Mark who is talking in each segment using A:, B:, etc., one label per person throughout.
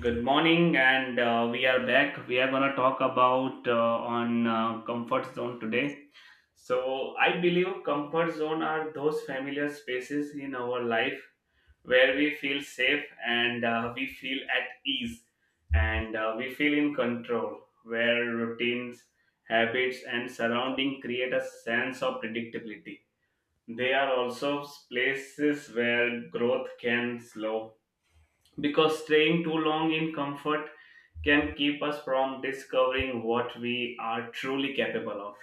A: Good morning, and we are back. We are gonna talk about on comfort zone today. So I believe comfort zone are those familiar spaces in our life where we feel safe and we feel at ease and we feel in control. Where routines, habits, and surrounding create a sense of predictability. They are also places where growth can slow because staying too long in comfort can keep us from discovering what we are truly capable of.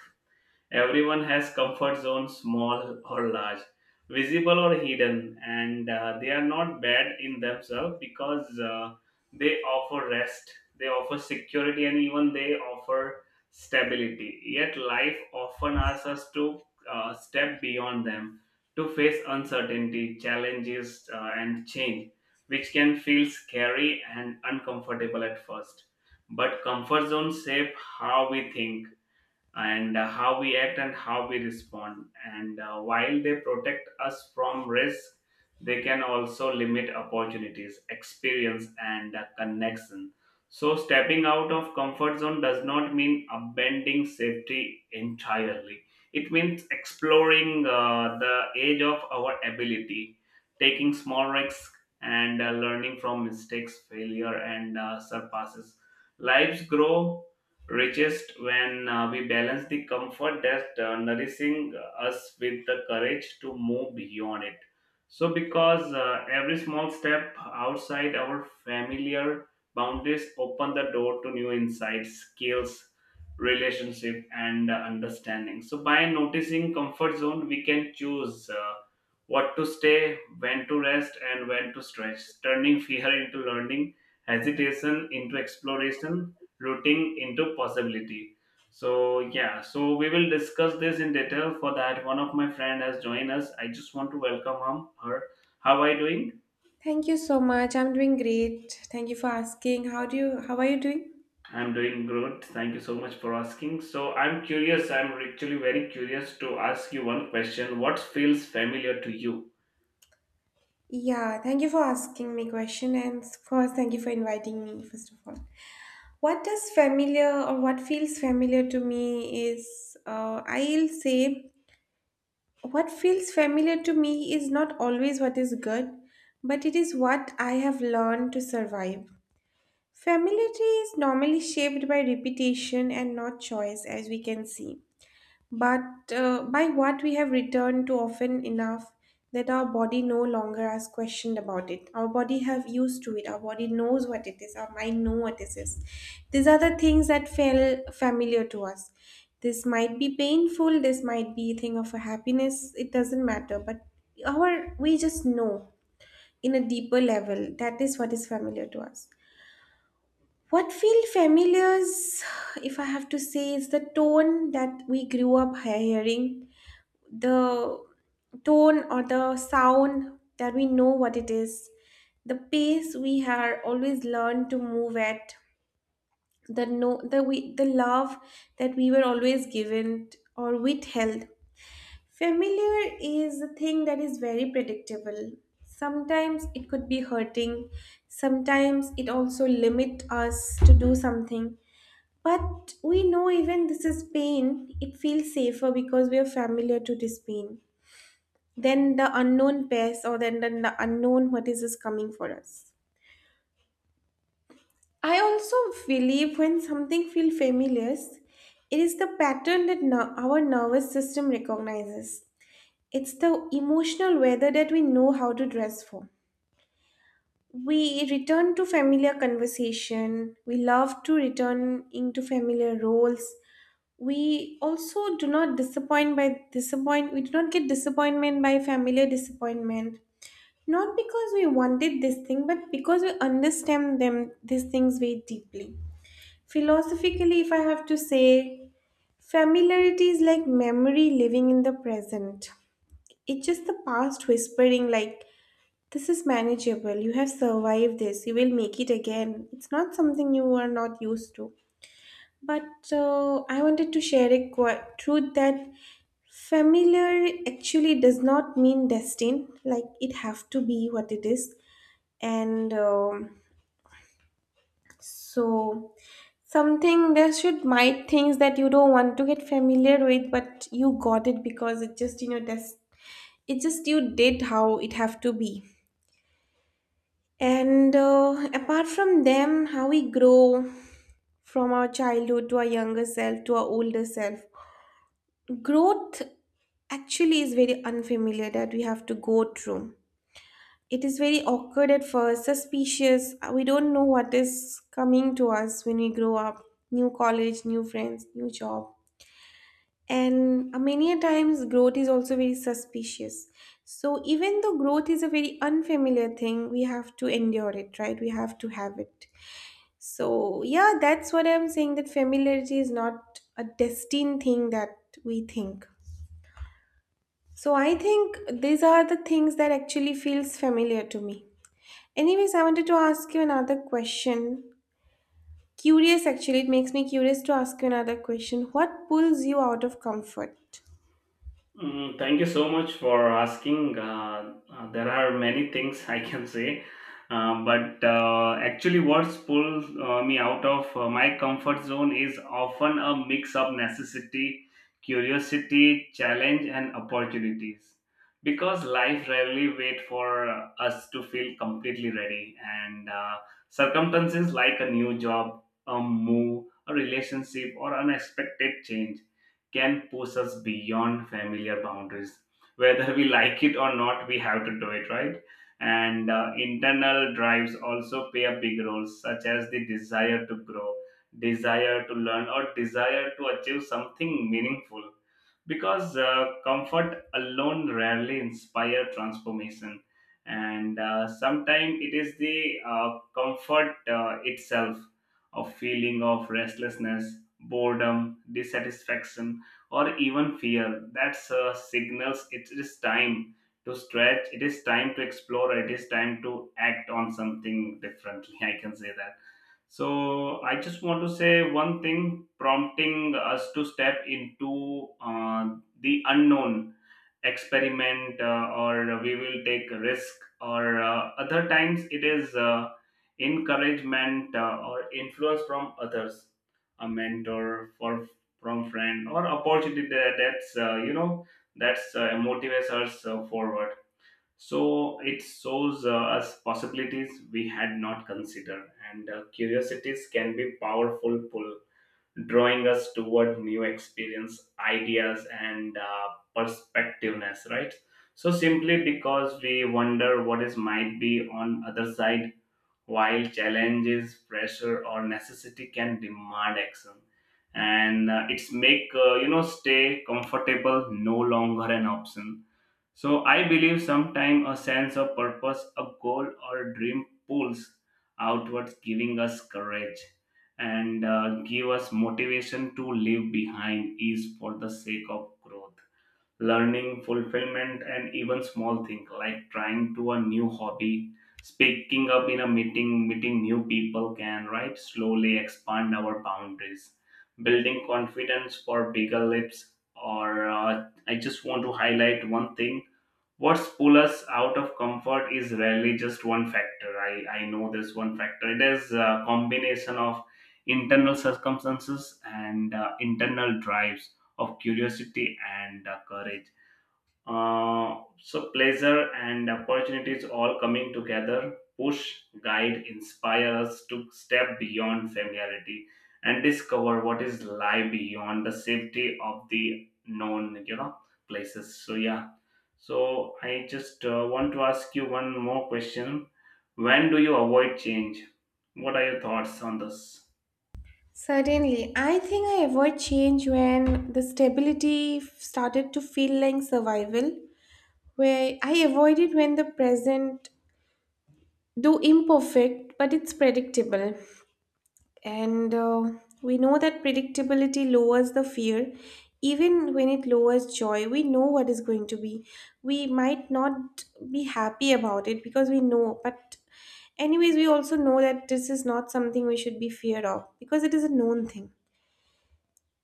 A: Everyone has comfort zones, small or large, visible or hidden, and they are not bad in themselves because they offer rest, they offer security, and even they offer stability. Yet, life often asks us to step beyond them to face uncertainty, challenges, and change, which can feel scary and uncomfortable at first. But comfort zones shape how we think and how we act and how we respond. And while they protect us from risk, they can also limit opportunities, experience, and connection. So, stepping out of comfort zone does not mean abandoning safety entirely. It means exploring the edge of our ability, taking small risks, and learning from mistakes, failure, and surpasses. Lives grow richest when we balance the comfort that nourishing us with the courage to move beyond it, so because every small step outside our familiar boundaries open the door to new insights, skills, relationship, and understanding. So by noticing comfort zone, we can choose what to stay, when to rest, and when to stretch, turning fear into learning, hesitation into exploration, rooting into possibility. So yeah, so we will discuss this in detail. For that, one of my friend has joined us. I just want to welcome him, her. How are you doing?
B: Thank you so much. I'm doing great. Thank you for asking. How are you doing?
A: I'm doing good. Thank you so much for asking. So I'm curious. I'm actually very curious to ask you one question. What feels familiar to you?
B: Yeah, thank you for asking me question and of course thank you for inviting me first of all. What does familiar or what feels familiar to me is I'll say what feels familiar to me is not always what is good, but it is what I have learned to survive. Familiarity is normally shaped by repetition and not choice as we can see. But by what we have returned to often enough that our body no longer asks questions about it, our body have used to it, our body knows what it is, our mind know what it is. These are the things that feel familiar to us. This might be painful, this might be a thing of a happiness, it doesn't matter, but our we just know in a deeper level that is what is familiar to us. What feel familiar is, if I have to say is the tone that we grew up hearing, the tone or the sound that we know what it is, the pace we had always learned to move at, the no the we the love that we were always given or withheld. Familiar is a thing that is very predictable. Sometimes it could be hurting, sometimes it also limit us to do something, but we know even this is pain it feels safer because we are familiar to this pain then the unknown pest, or then the unknown what is this coming for us. I also believe when something feels familiar, it is the pattern that our nervous system recognizes. It's the emotional weather that we know how to dress for. We return to familiar conversation. We love to return into familiar roles. We also do not disappoint by disappoint. We do not get disappointment by familiar disappointment. Not because we wanted this thing, but because we understand them these things very deeply. Philosophically, if I have to say, familiarity is like memory living in the present. It's just the past whispering like this is manageable, you have survived this, you will make it again. It's not something you are not used to. But I wanted to share a truth that familiar actually does not mean destined, like it have to be what it is, and so something there should might things that you don't want to get familiar with but you got it because it just you know that's it just you did how it have to be. And apart from them, how we grow from our childhood to our younger self to our older self, growth actually is very unfamiliar that we have to go through. It is very awkward at first, suspicious. We don't know what is coming to us when we grow up. New college, new friends, new job. And many a times, growth is also very suspicious. So, even though growth is a very unfamiliar thing, we have to endure it, right? We have to have it. So, yeah, that's what I'm saying, that familiarity is not a destined thing that we think. So, I think these are the things that actually feels familiar to me. Anyways, I wanted to ask you another question. Curious, actually, it makes me curious to ask you another question. What pulls you out of comfort?
A: Mm, thank you so much for asking. There are many things I can say, but actually, what pulls me out of my comfort zone is often a mix of necessity, curiosity, challenge, and opportunities. Because life rarely waits for us to feel completely ready, and circumstances like a new job, a move, a relationship, or unexpected change can push us beyond familiar boundaries. Whether we like it or not, we have to do it, right? And internal drives also play a big role, such as the desire to grow, desire to learn, or desire to achieve something meaningful because comfort alone rarely inspire transformation, and sometimes it is the comfort itself, a feeling of restlessness, boredom, dissatisfaction, or even fear that's signals it is time to stretch, it is time to explore, it is time to act on something differently. I can say that. So I just want to say one thing, prompting us to step into the unknown, experiment or we will take a risk, or other times it is encouragement or influence from others, a mentor for from friend or opportunity that, that's you know, that's motivates us forward. So it shows us possibilities we had not considered, and curiosities can be powerful pull, drawing us toward new experience, ideas, and perspectiveness. Right. So simply because we wonder what is might be on other side, while challenges, pressure, or necessity can demand action, and it's make you know stay comfortable no longer an option. So I believe sometimes a sense of purpose, a goal, or a dream pulls outwards, giving us courage and give us motivation to leave behind is for the sake of growth, learning, fulfillment, and even small things like trying to a new hobby, speaking up in a meeting, meeting new people can right slowly expand our boundaries, building confidence for bigger lips. Or I just want to highlight one thing, what pull us out of comfort is rarely just one factor. I know this one factor, it is a combination of internal circumstances and internal drives, of curiosity and courage, so pleasure and opportunities all coming together push, guide, inspire us to step beyond familiarity and discover what is lie beyond the safety of the known, you know, places. So yeah. So I just want to ask you one more question. When do you avoid change? What are your thoughts on this?
B: Certainly, I think I avoid change when the stability started to feel like survival, where I avoid it when the present, though imperfect, but it's predictable. And we know that predictability lowers the fear. Even when it lowers joy, we know what is going to be. We might not be happy about it because we know, but anyways, we also know that this is not something we should be feared of because it is a known thing.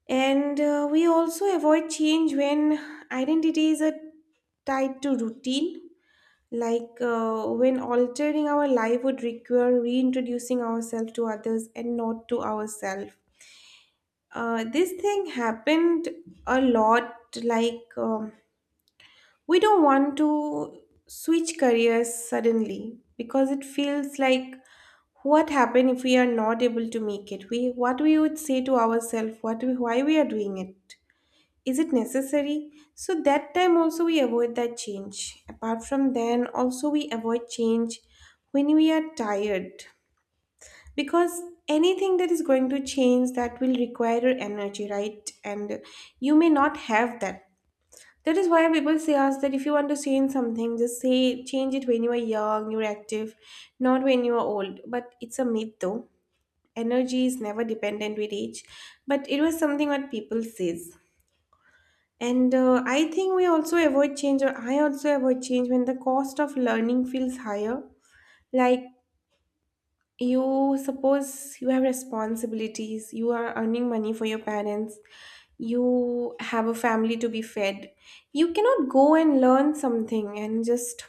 B: And we also avoid change when identity is a tied to routine. Like when altering our life would require reintroducing ourselves to others and not to ourselves, this thing happened a lot. Like, we don't want to switch careers suddenly because it feels like what happened if we are not able to make it? We what we would say to ourselves, what we, why we are doing it? Is it necessary? So that time also we avoid that change. Apart from then, also we avoid change when we are tired because anything that is going to change that will require your energy, right? And you may not have that. That is why people say us that if you want to change something just say change it when you are young, you're active, not when you are old. But it's a myth though. Energy is never dependent with age, but it was something what people says. And I think we also avoid change, or I also avoid change when the cost of learning feels higher. Like, you suppose you have responsibilities, you are earning money for your parents, you have a family to be fed, you cannot go and learn something and just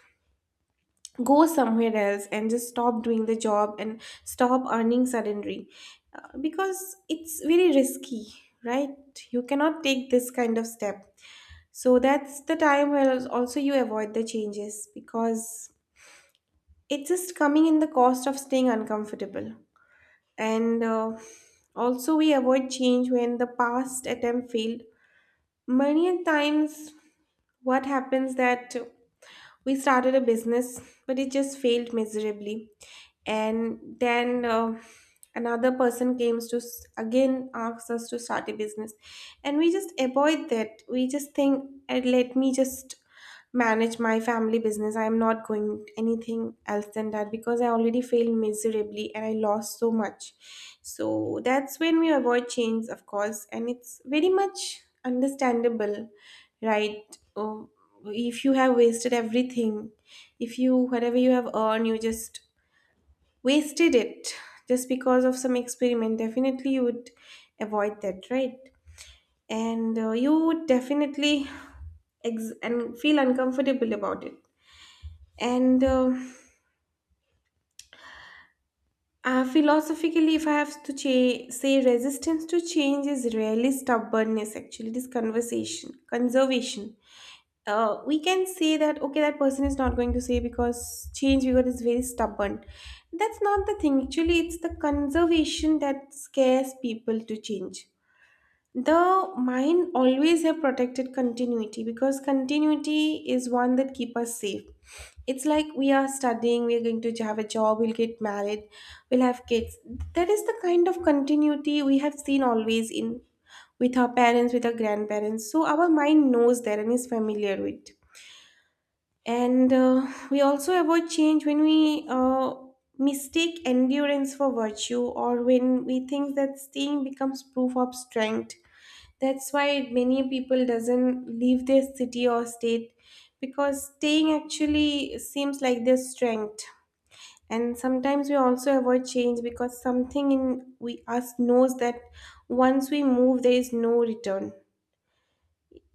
B: go somewhere else and just stop doing the job and stop earning suddenly. Because it's very risky, right? You cannot take this kind of step. So that's the time where also you avoid the changes because it's just coming in the cost of staying uncomfortable. And also we avoid change when the past attempt failed. Many a times what happens that we started a business but it just failed miserably, and then another person came to again asks us to start a business, and we just avoid that, we just think, let me just manage my family business, I'm not going anything else than that because I already failed miserably and I lost so much." So that's when we avoid change, of course, and it's very much understandable, right? Oh, if you have wasted everything, if you, whatever you have earned, you just wasted it just because of some experiment, definitely you would avoid that, right? And you would definitely and feel uncomfortable about it. And philosophically, if I have to say, resistance to change is rarely stubbornness. Actually, it is conversation, conservation. We can say that okay that person is not going to say because change because is very stubborn. That's not the thing. Actually, it's the conservation that scares people to change. The mind always have protected continuity because continuity is one that keep us safe. It's like we are studying, we are going to have a job, we'll get married, we'll have kids. That is the kind of continuity we have seen always in, with our parents, with our grandparents, so our mind knows that and is familiar with. And we also avoid change when we mistake endurance for virtue, or when we think that staying becomes proof of strength. That's why many people doesn't leave their city or state because staying actually seems like their strength. And sometimes we also avoid change because something in we us knows that once we move there is no return.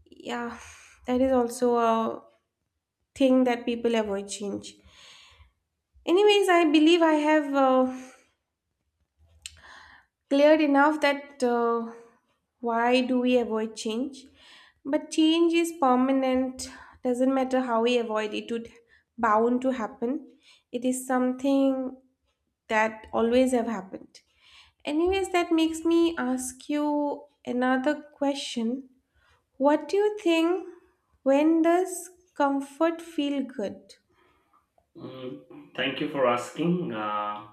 B: Yeah, that is also a thing that people avoid change. Anyways, I believe I have cleared enough that why do we avoid change? But change is permanent, doesn't matter how we avoid it, it would bound to happen. It is something that always have happened. Anyways, that makes me ask you another question. What do you think, when does comfort feel good?
A: Mm, thank you for asking.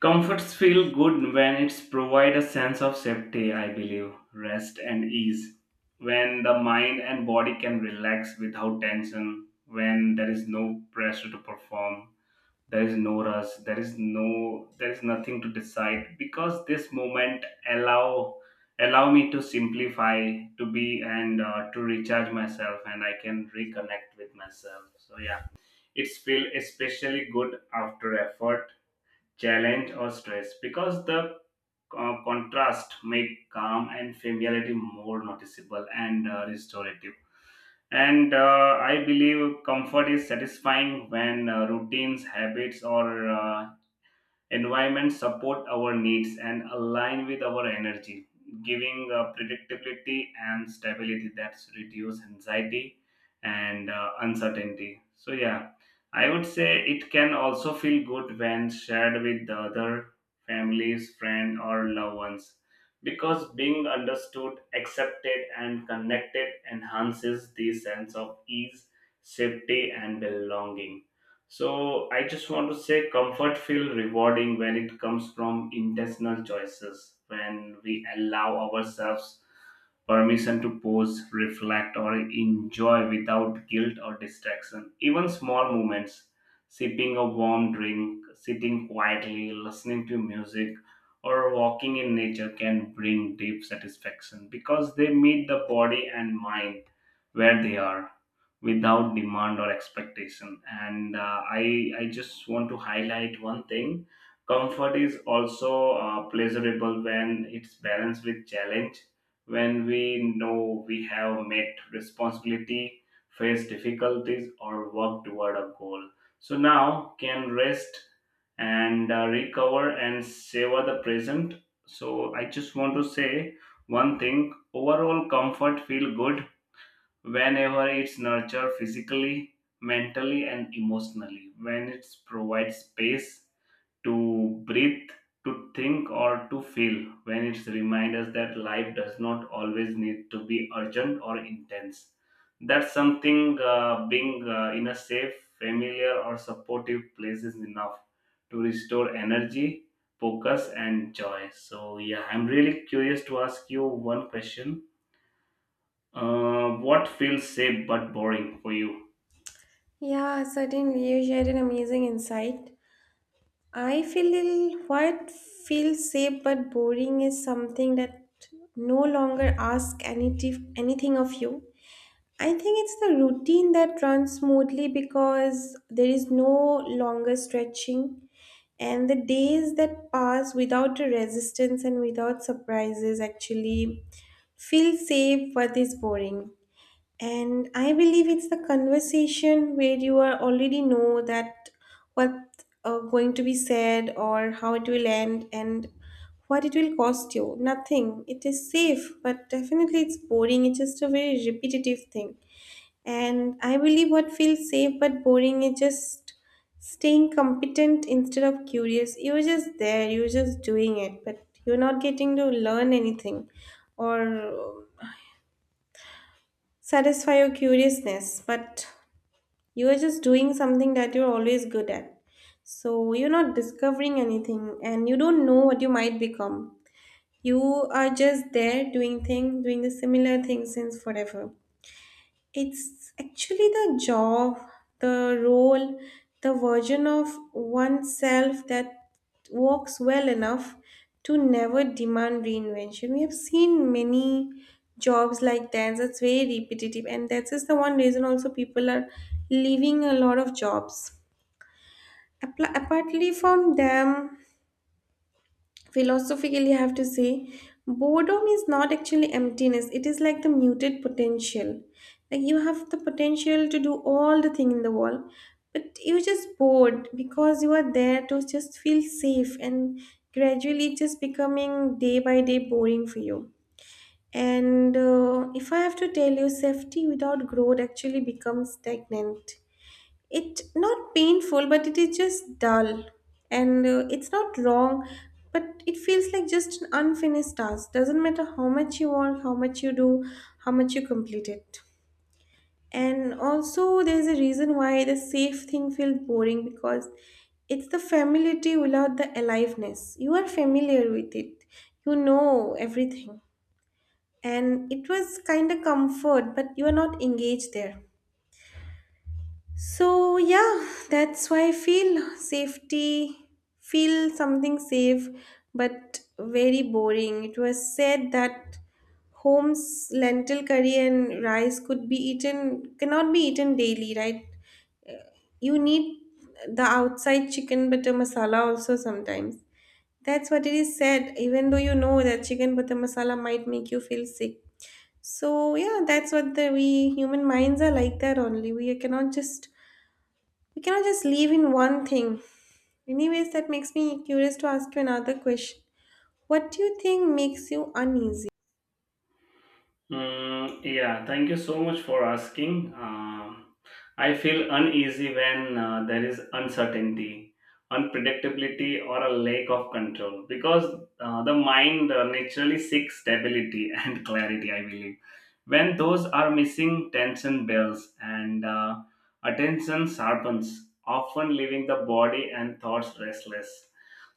A: Comforts feel good when it's provide a sense of safety, I believe, rest and ease. When the mind and body can relax without tension, when there is no pressure to perform, there is no rush, there is no there is nothing to decide because this moment allow allow me to simplify, to be and to recharge myself and I can reconnect with myself. So yeah, it's feel especially good after effort, challenge, or stress because the contrast make calm and familiarity more noticeable and restorative, and I believe comfort is satisfying when routines, habits, or environment support our needs and align with our energy, giving predictability and stability that's reduce anxiety and uncertainty. So yeah, I would say it can also feel good when shared with the other, families, friend, or loved ones, because being understood, accepted, and connected enhances the sense of ease, safety, and belonging. So I just want to say comfort feel rewarding when it comes from intentional choices, when we allow ourselves permission to pause, reflect, or enjoy without guilt or distraction. Even small moments, sipping a warm drink, sitting quietly, listening to music, or walking in nature can bring deep satisfaction because they meet the body and mind where they are without demand or expectation. And I just want to highlight one thing, comfort is also pleasurable when it's balanced with challenge, when we know we have met responsibility, faced difficulties, or worked toward a goal, so now can rest and recover and savor the present. So I just want to say one thing, overall comfort feel good whenever it's nurtured physically, mentally, and emotionally, when it provides space to breathe, to think, or to feel, when it reminds us that life does not always need to be urgent or intense. That's something being in a safe, familiar, or supportive place is enough to restore energy, focus, and joy. So, yeah, I'm really curious to ask you one question. What feels safe but boring for you?
B: Yeah, certainly you shared an amazing insight. I feel what feels safe but boring is something that no longer asks anything of you. I think it's the routine that runs smoothly because there is no longer stretching, and the days that pass without a resistance and without surprises actually feel safe but is boring. And I believe it's the conversation where you are already know that what going to be said or how it will end and what it will cost you. Nothing. It is safe, but definitely it's boring. It's just a very repetitive thing. And I believe what feels safe but boring is just staying competent instead of curious. You're just there, you're just doing it, but you're not getting to learn anything or satisfy your curiousness. But you are just doing something that you're always good at. So you're not discovering anything and you don't know what you might become. You are just there doing thing doing the similar thing since forever. It's actually the job, the role, the version of oneself that works well enough to never demand reinvention. We have seen many jobs like that, that's very repetitive, and that is the one reason also people are leaving a lot of jobs. Apart from them, philosophically I have to say boredom is not actually emptiness, it is like the muted potential. Like you have the potential to do all the thing in the world, but you're just bored because you are there to just feel safe and gradually just becoming day by day boring for you. And if I have to tell you, safety without growth actually becomes stagnant. It not painful, but it is just dull. And it's not wrong, but it feels like just an unfinished task. Doesn't matter how much you want, how much you do, how much you complete it. And also there's a reason why the safe thing feels boring, because it's the familiarity without the aliveness. You are familiar with it, you know everything, and it was kind of comfort, but you are not engaged there. So yeah, that's why I feel safety, feel something safe, but very boring. It was said that home's lentil curry and rice could be eaten, cannot be eaten daily, right? You need the outside chicken butter masala also sometimes. That's what it is said, even though you know that chicken butter masala might make you feel sick. So yeah, that's what the we human minds are like that only. We cannot just live in one thing. Anyways, that makes me curious to ask you another question. What do you think makes you uneasy?
A: Mm, yeah, thank you so much for asking. Um, I feel uneasy when there is uncertainty, unpredictability, or a lack of control because the mind naturally seeks stability and clarity, I believe. When those are missing, tension builds and attention sharpens, often leaving the body and thoughts restless.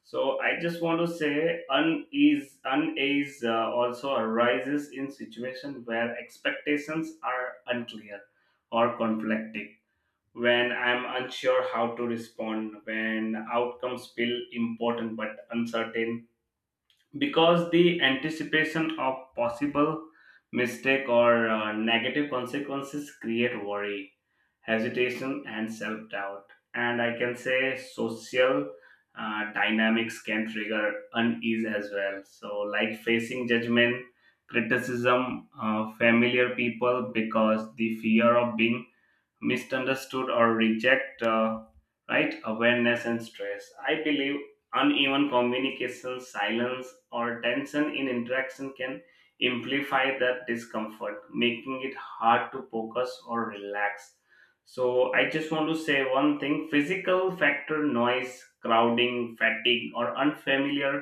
A: So I just want to say unease also arises in situations where expectations are unclear or conflicting. When I'm unsure how to respond, when outcomes feel important but uncertain, because the anticipation of possible mistake or negative consequences create worry, hesitation, and self-doubt. And I can say social dynamics can trigger unease as well, so like facing judgment, criticism familiar people, because the fear of being misunderstood or reject right, awareness and stress, I believe uneven communication, silence, or tension in interaction can amplify that discomfort, making it hard to focus or relax. So I just want to say one thing, physical factor, noise, crowding, fatigue, or unfamiliar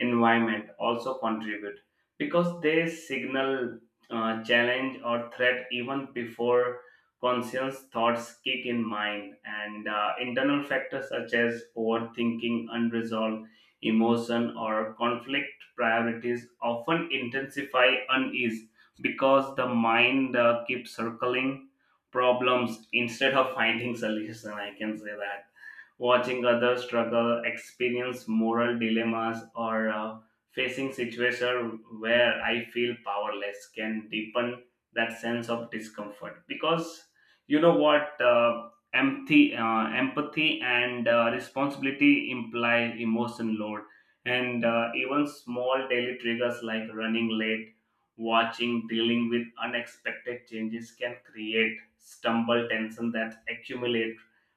A: environment also contribute because they signal challenge or threat even before conscious thoughts kick in mind. And internal factors such as overthinking, unresolved emotion, or conflict priorities often intensify unease because the mind keeps circling problems instead of finding solution, I can say that. Watching others struggle, experience moral dilemmas, or facing situations where I feel powerless can deepen that sense of discomfort. Because you know what, empathy, and responsibility imply emotion load, and even small daily triggers like running late. Watching, dealing with unexpected changes can create stumble tension that accumulate,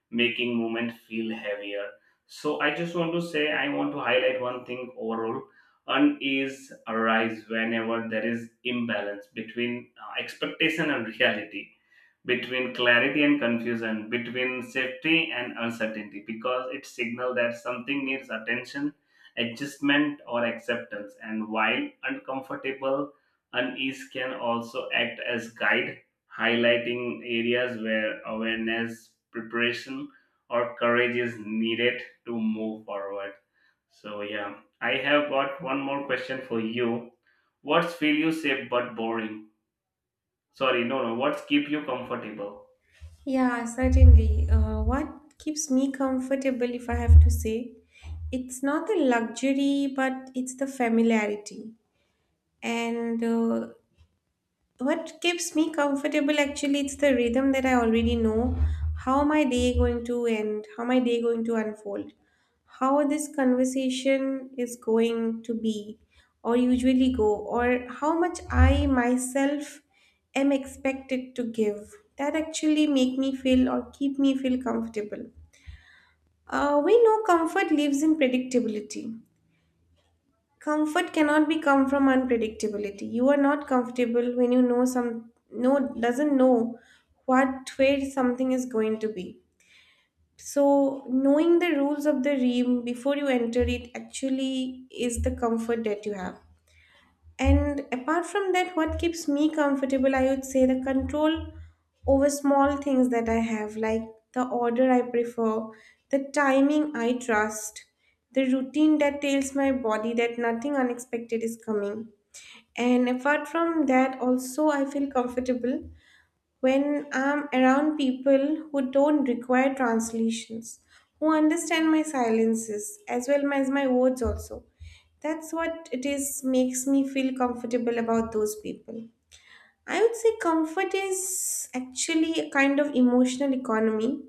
A: making movement feel heavier. So I just want to say I want to highlight one thing, overall unease arise whenever there is imbalance between expectation and reality, between clarity and confusion, between safety and uncertainty, because it signals that something needs attention, adjustment, or acceptance. And while uncomfortable, unease can also act as guide, highlighting areas where awareness, preparation, or courage is needed to move forward. So yeah, I have got one more question for you. What's feel you safe but boring? Sorry, no, no. What's keep you comfortable?
B: Yeah, certainly. What keeps me comfortable, if I have to say, it's not the luxury, but it's the familiarity. And What keeps me comfortable, actually it's the rhythm that I already know. How my day going to end? How my day going to unfold? How this conversation is going to be or usually go, or how much I myself am expected to give. That actually make me feel or keep me feel comfortable. We know comfort lives in predictability. Comfort cannot be come from unpredictability. You are not comfortable when you know some no doesn't know what way something is going to be. So knowing the rules of the game before you enter it actually is the comfort that you have. And apart from that, what keeps me comfortable, I would say the control over small things that I have, like the order I prefer, the timing I trust, the routine that tells my body that nothing unexpected is coming. And apart from that, also I feel comfortable when I'm around people who don't require translations, who understand my silences as well as my words also. That's what it is makes me feel comfortable about those people. I would say comfort is actually a kind of emotional economy.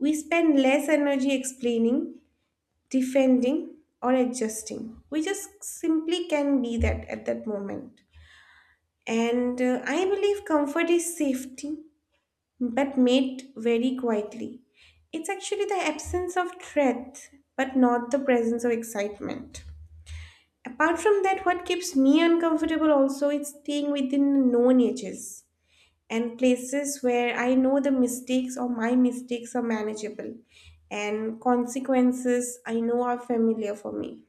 B: We spend less energy explaining, defending, or adjusting. We just simply can be that at that moment. And I believe comfort is safety, but made very quietly. It's actually the absence of threat, but not the presence of excitement. Apart from that, what keeps me uncomfortable also is staying within known edges and places where I know the mistakes or my mistakes are manageable and consequences I know are familiar for me.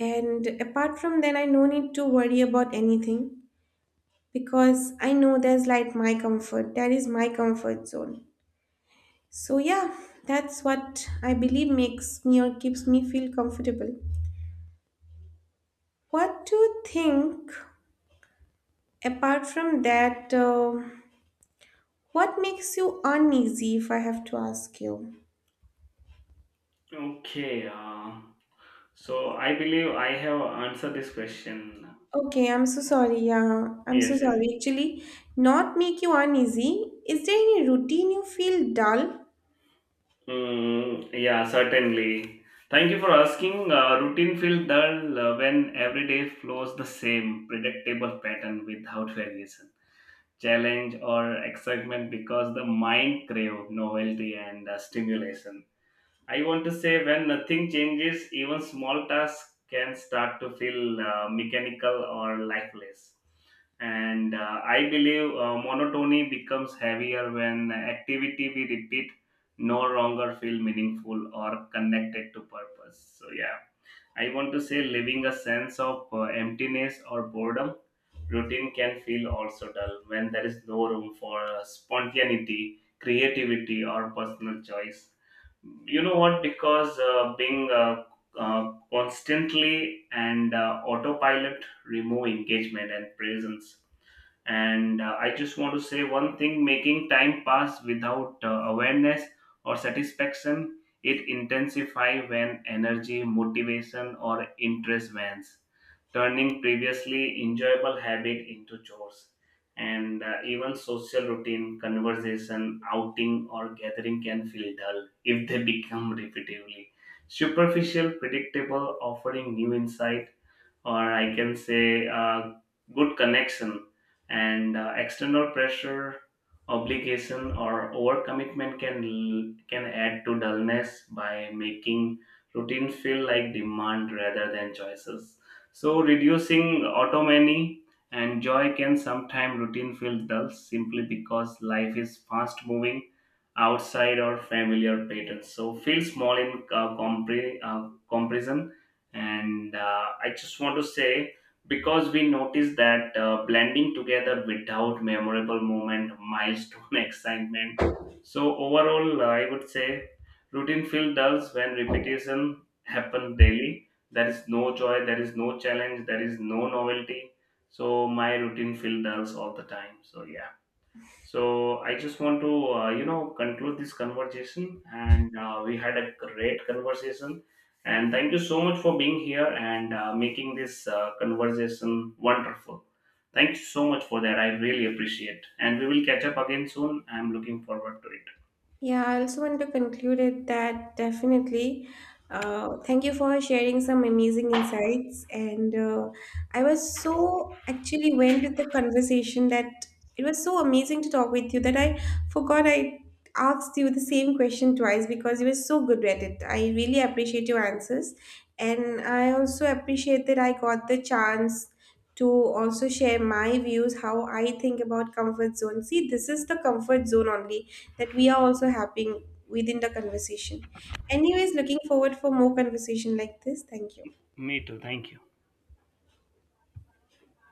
B: And apart from that, I no need to worry about anything because I know there's like my comfort. That is my comfort zone. So yeah, that's what I believe makes me or keeps me feel comfortable. What do you think apart from that, what makes you uneasy if I have to ask you?
A: Okay, so I believe I have answered this question.
B: Okay, I'm so sorry. Yeah, I'm so
A: Yes, yes.
B: sorry. Actually, not make you uneasy. Is there any routine you feel dull?
A: Mm, yeah, certainly. Thank you for asking. Routine feels dull when every day flows the same predictable pattern without variation, challenge, or excitement, because the mind crave novelty and stimulation. I want to say when nothing changes, even small tasks can start to feel mechanical or lifeless. And I believe monotony becomes heavier when activity we repeat no longer feel meaningful or connected to purpose. So yeah, I want to say living a sense of emptiness or boredom, routine can feel also dull when there is no room for spontaneity, creativity, or personal choice, you know what, because being constantly and autopilot remove engagement and presence. And I just want to say one thing, making time pass without awareness or satisfaction, it intensify when energy, motivation, or interest wanes, turning previously enjoyable habit into chores. And even social routine, conversation, outing, or gathering can feel dull if they become repetitively superficial, predictable, offering new insight, or I can say good connection. And external pressure, obligation, or overcommitment can can add to dullness by making routine feel like demand rather than choices, so reducing autonomy and joy can sometimes routine feel dull simply because life is fast moving outside our familiar patterns, so feel small in comparison. And I just want to say because we noticed that blending together without memorable moment, milestone, excitement. So overall, I would say routine feel dulls when repetition happen daily. There is no joy, there is no challenge, there is no novelty. So my routine feel dulls all the time. So yeah. So I just want to you know conclude this conversation, and we had a great conversation. And thank you so much for being here and making this conversation wonderful. Thank you so much for that. I really appreciate. And we will catch up again soon. I'm looking forward to it.
B: Yeah, I also want to conclude it that definitely. Thank you for sharing some amazing insights. And I was so actually went with the conversation that it was so amazing to talk with you that I forgot I asked you the same question twice because you were so good at it. I really appreciate your answers. And I also appreciate that I got the chance to also share my views how I think about comfort zone. See, this is the comfort zone only that we are also having within the conversation. Anyways, looking forward for more conversation like this. Thank you.
A: Me too. Thank you.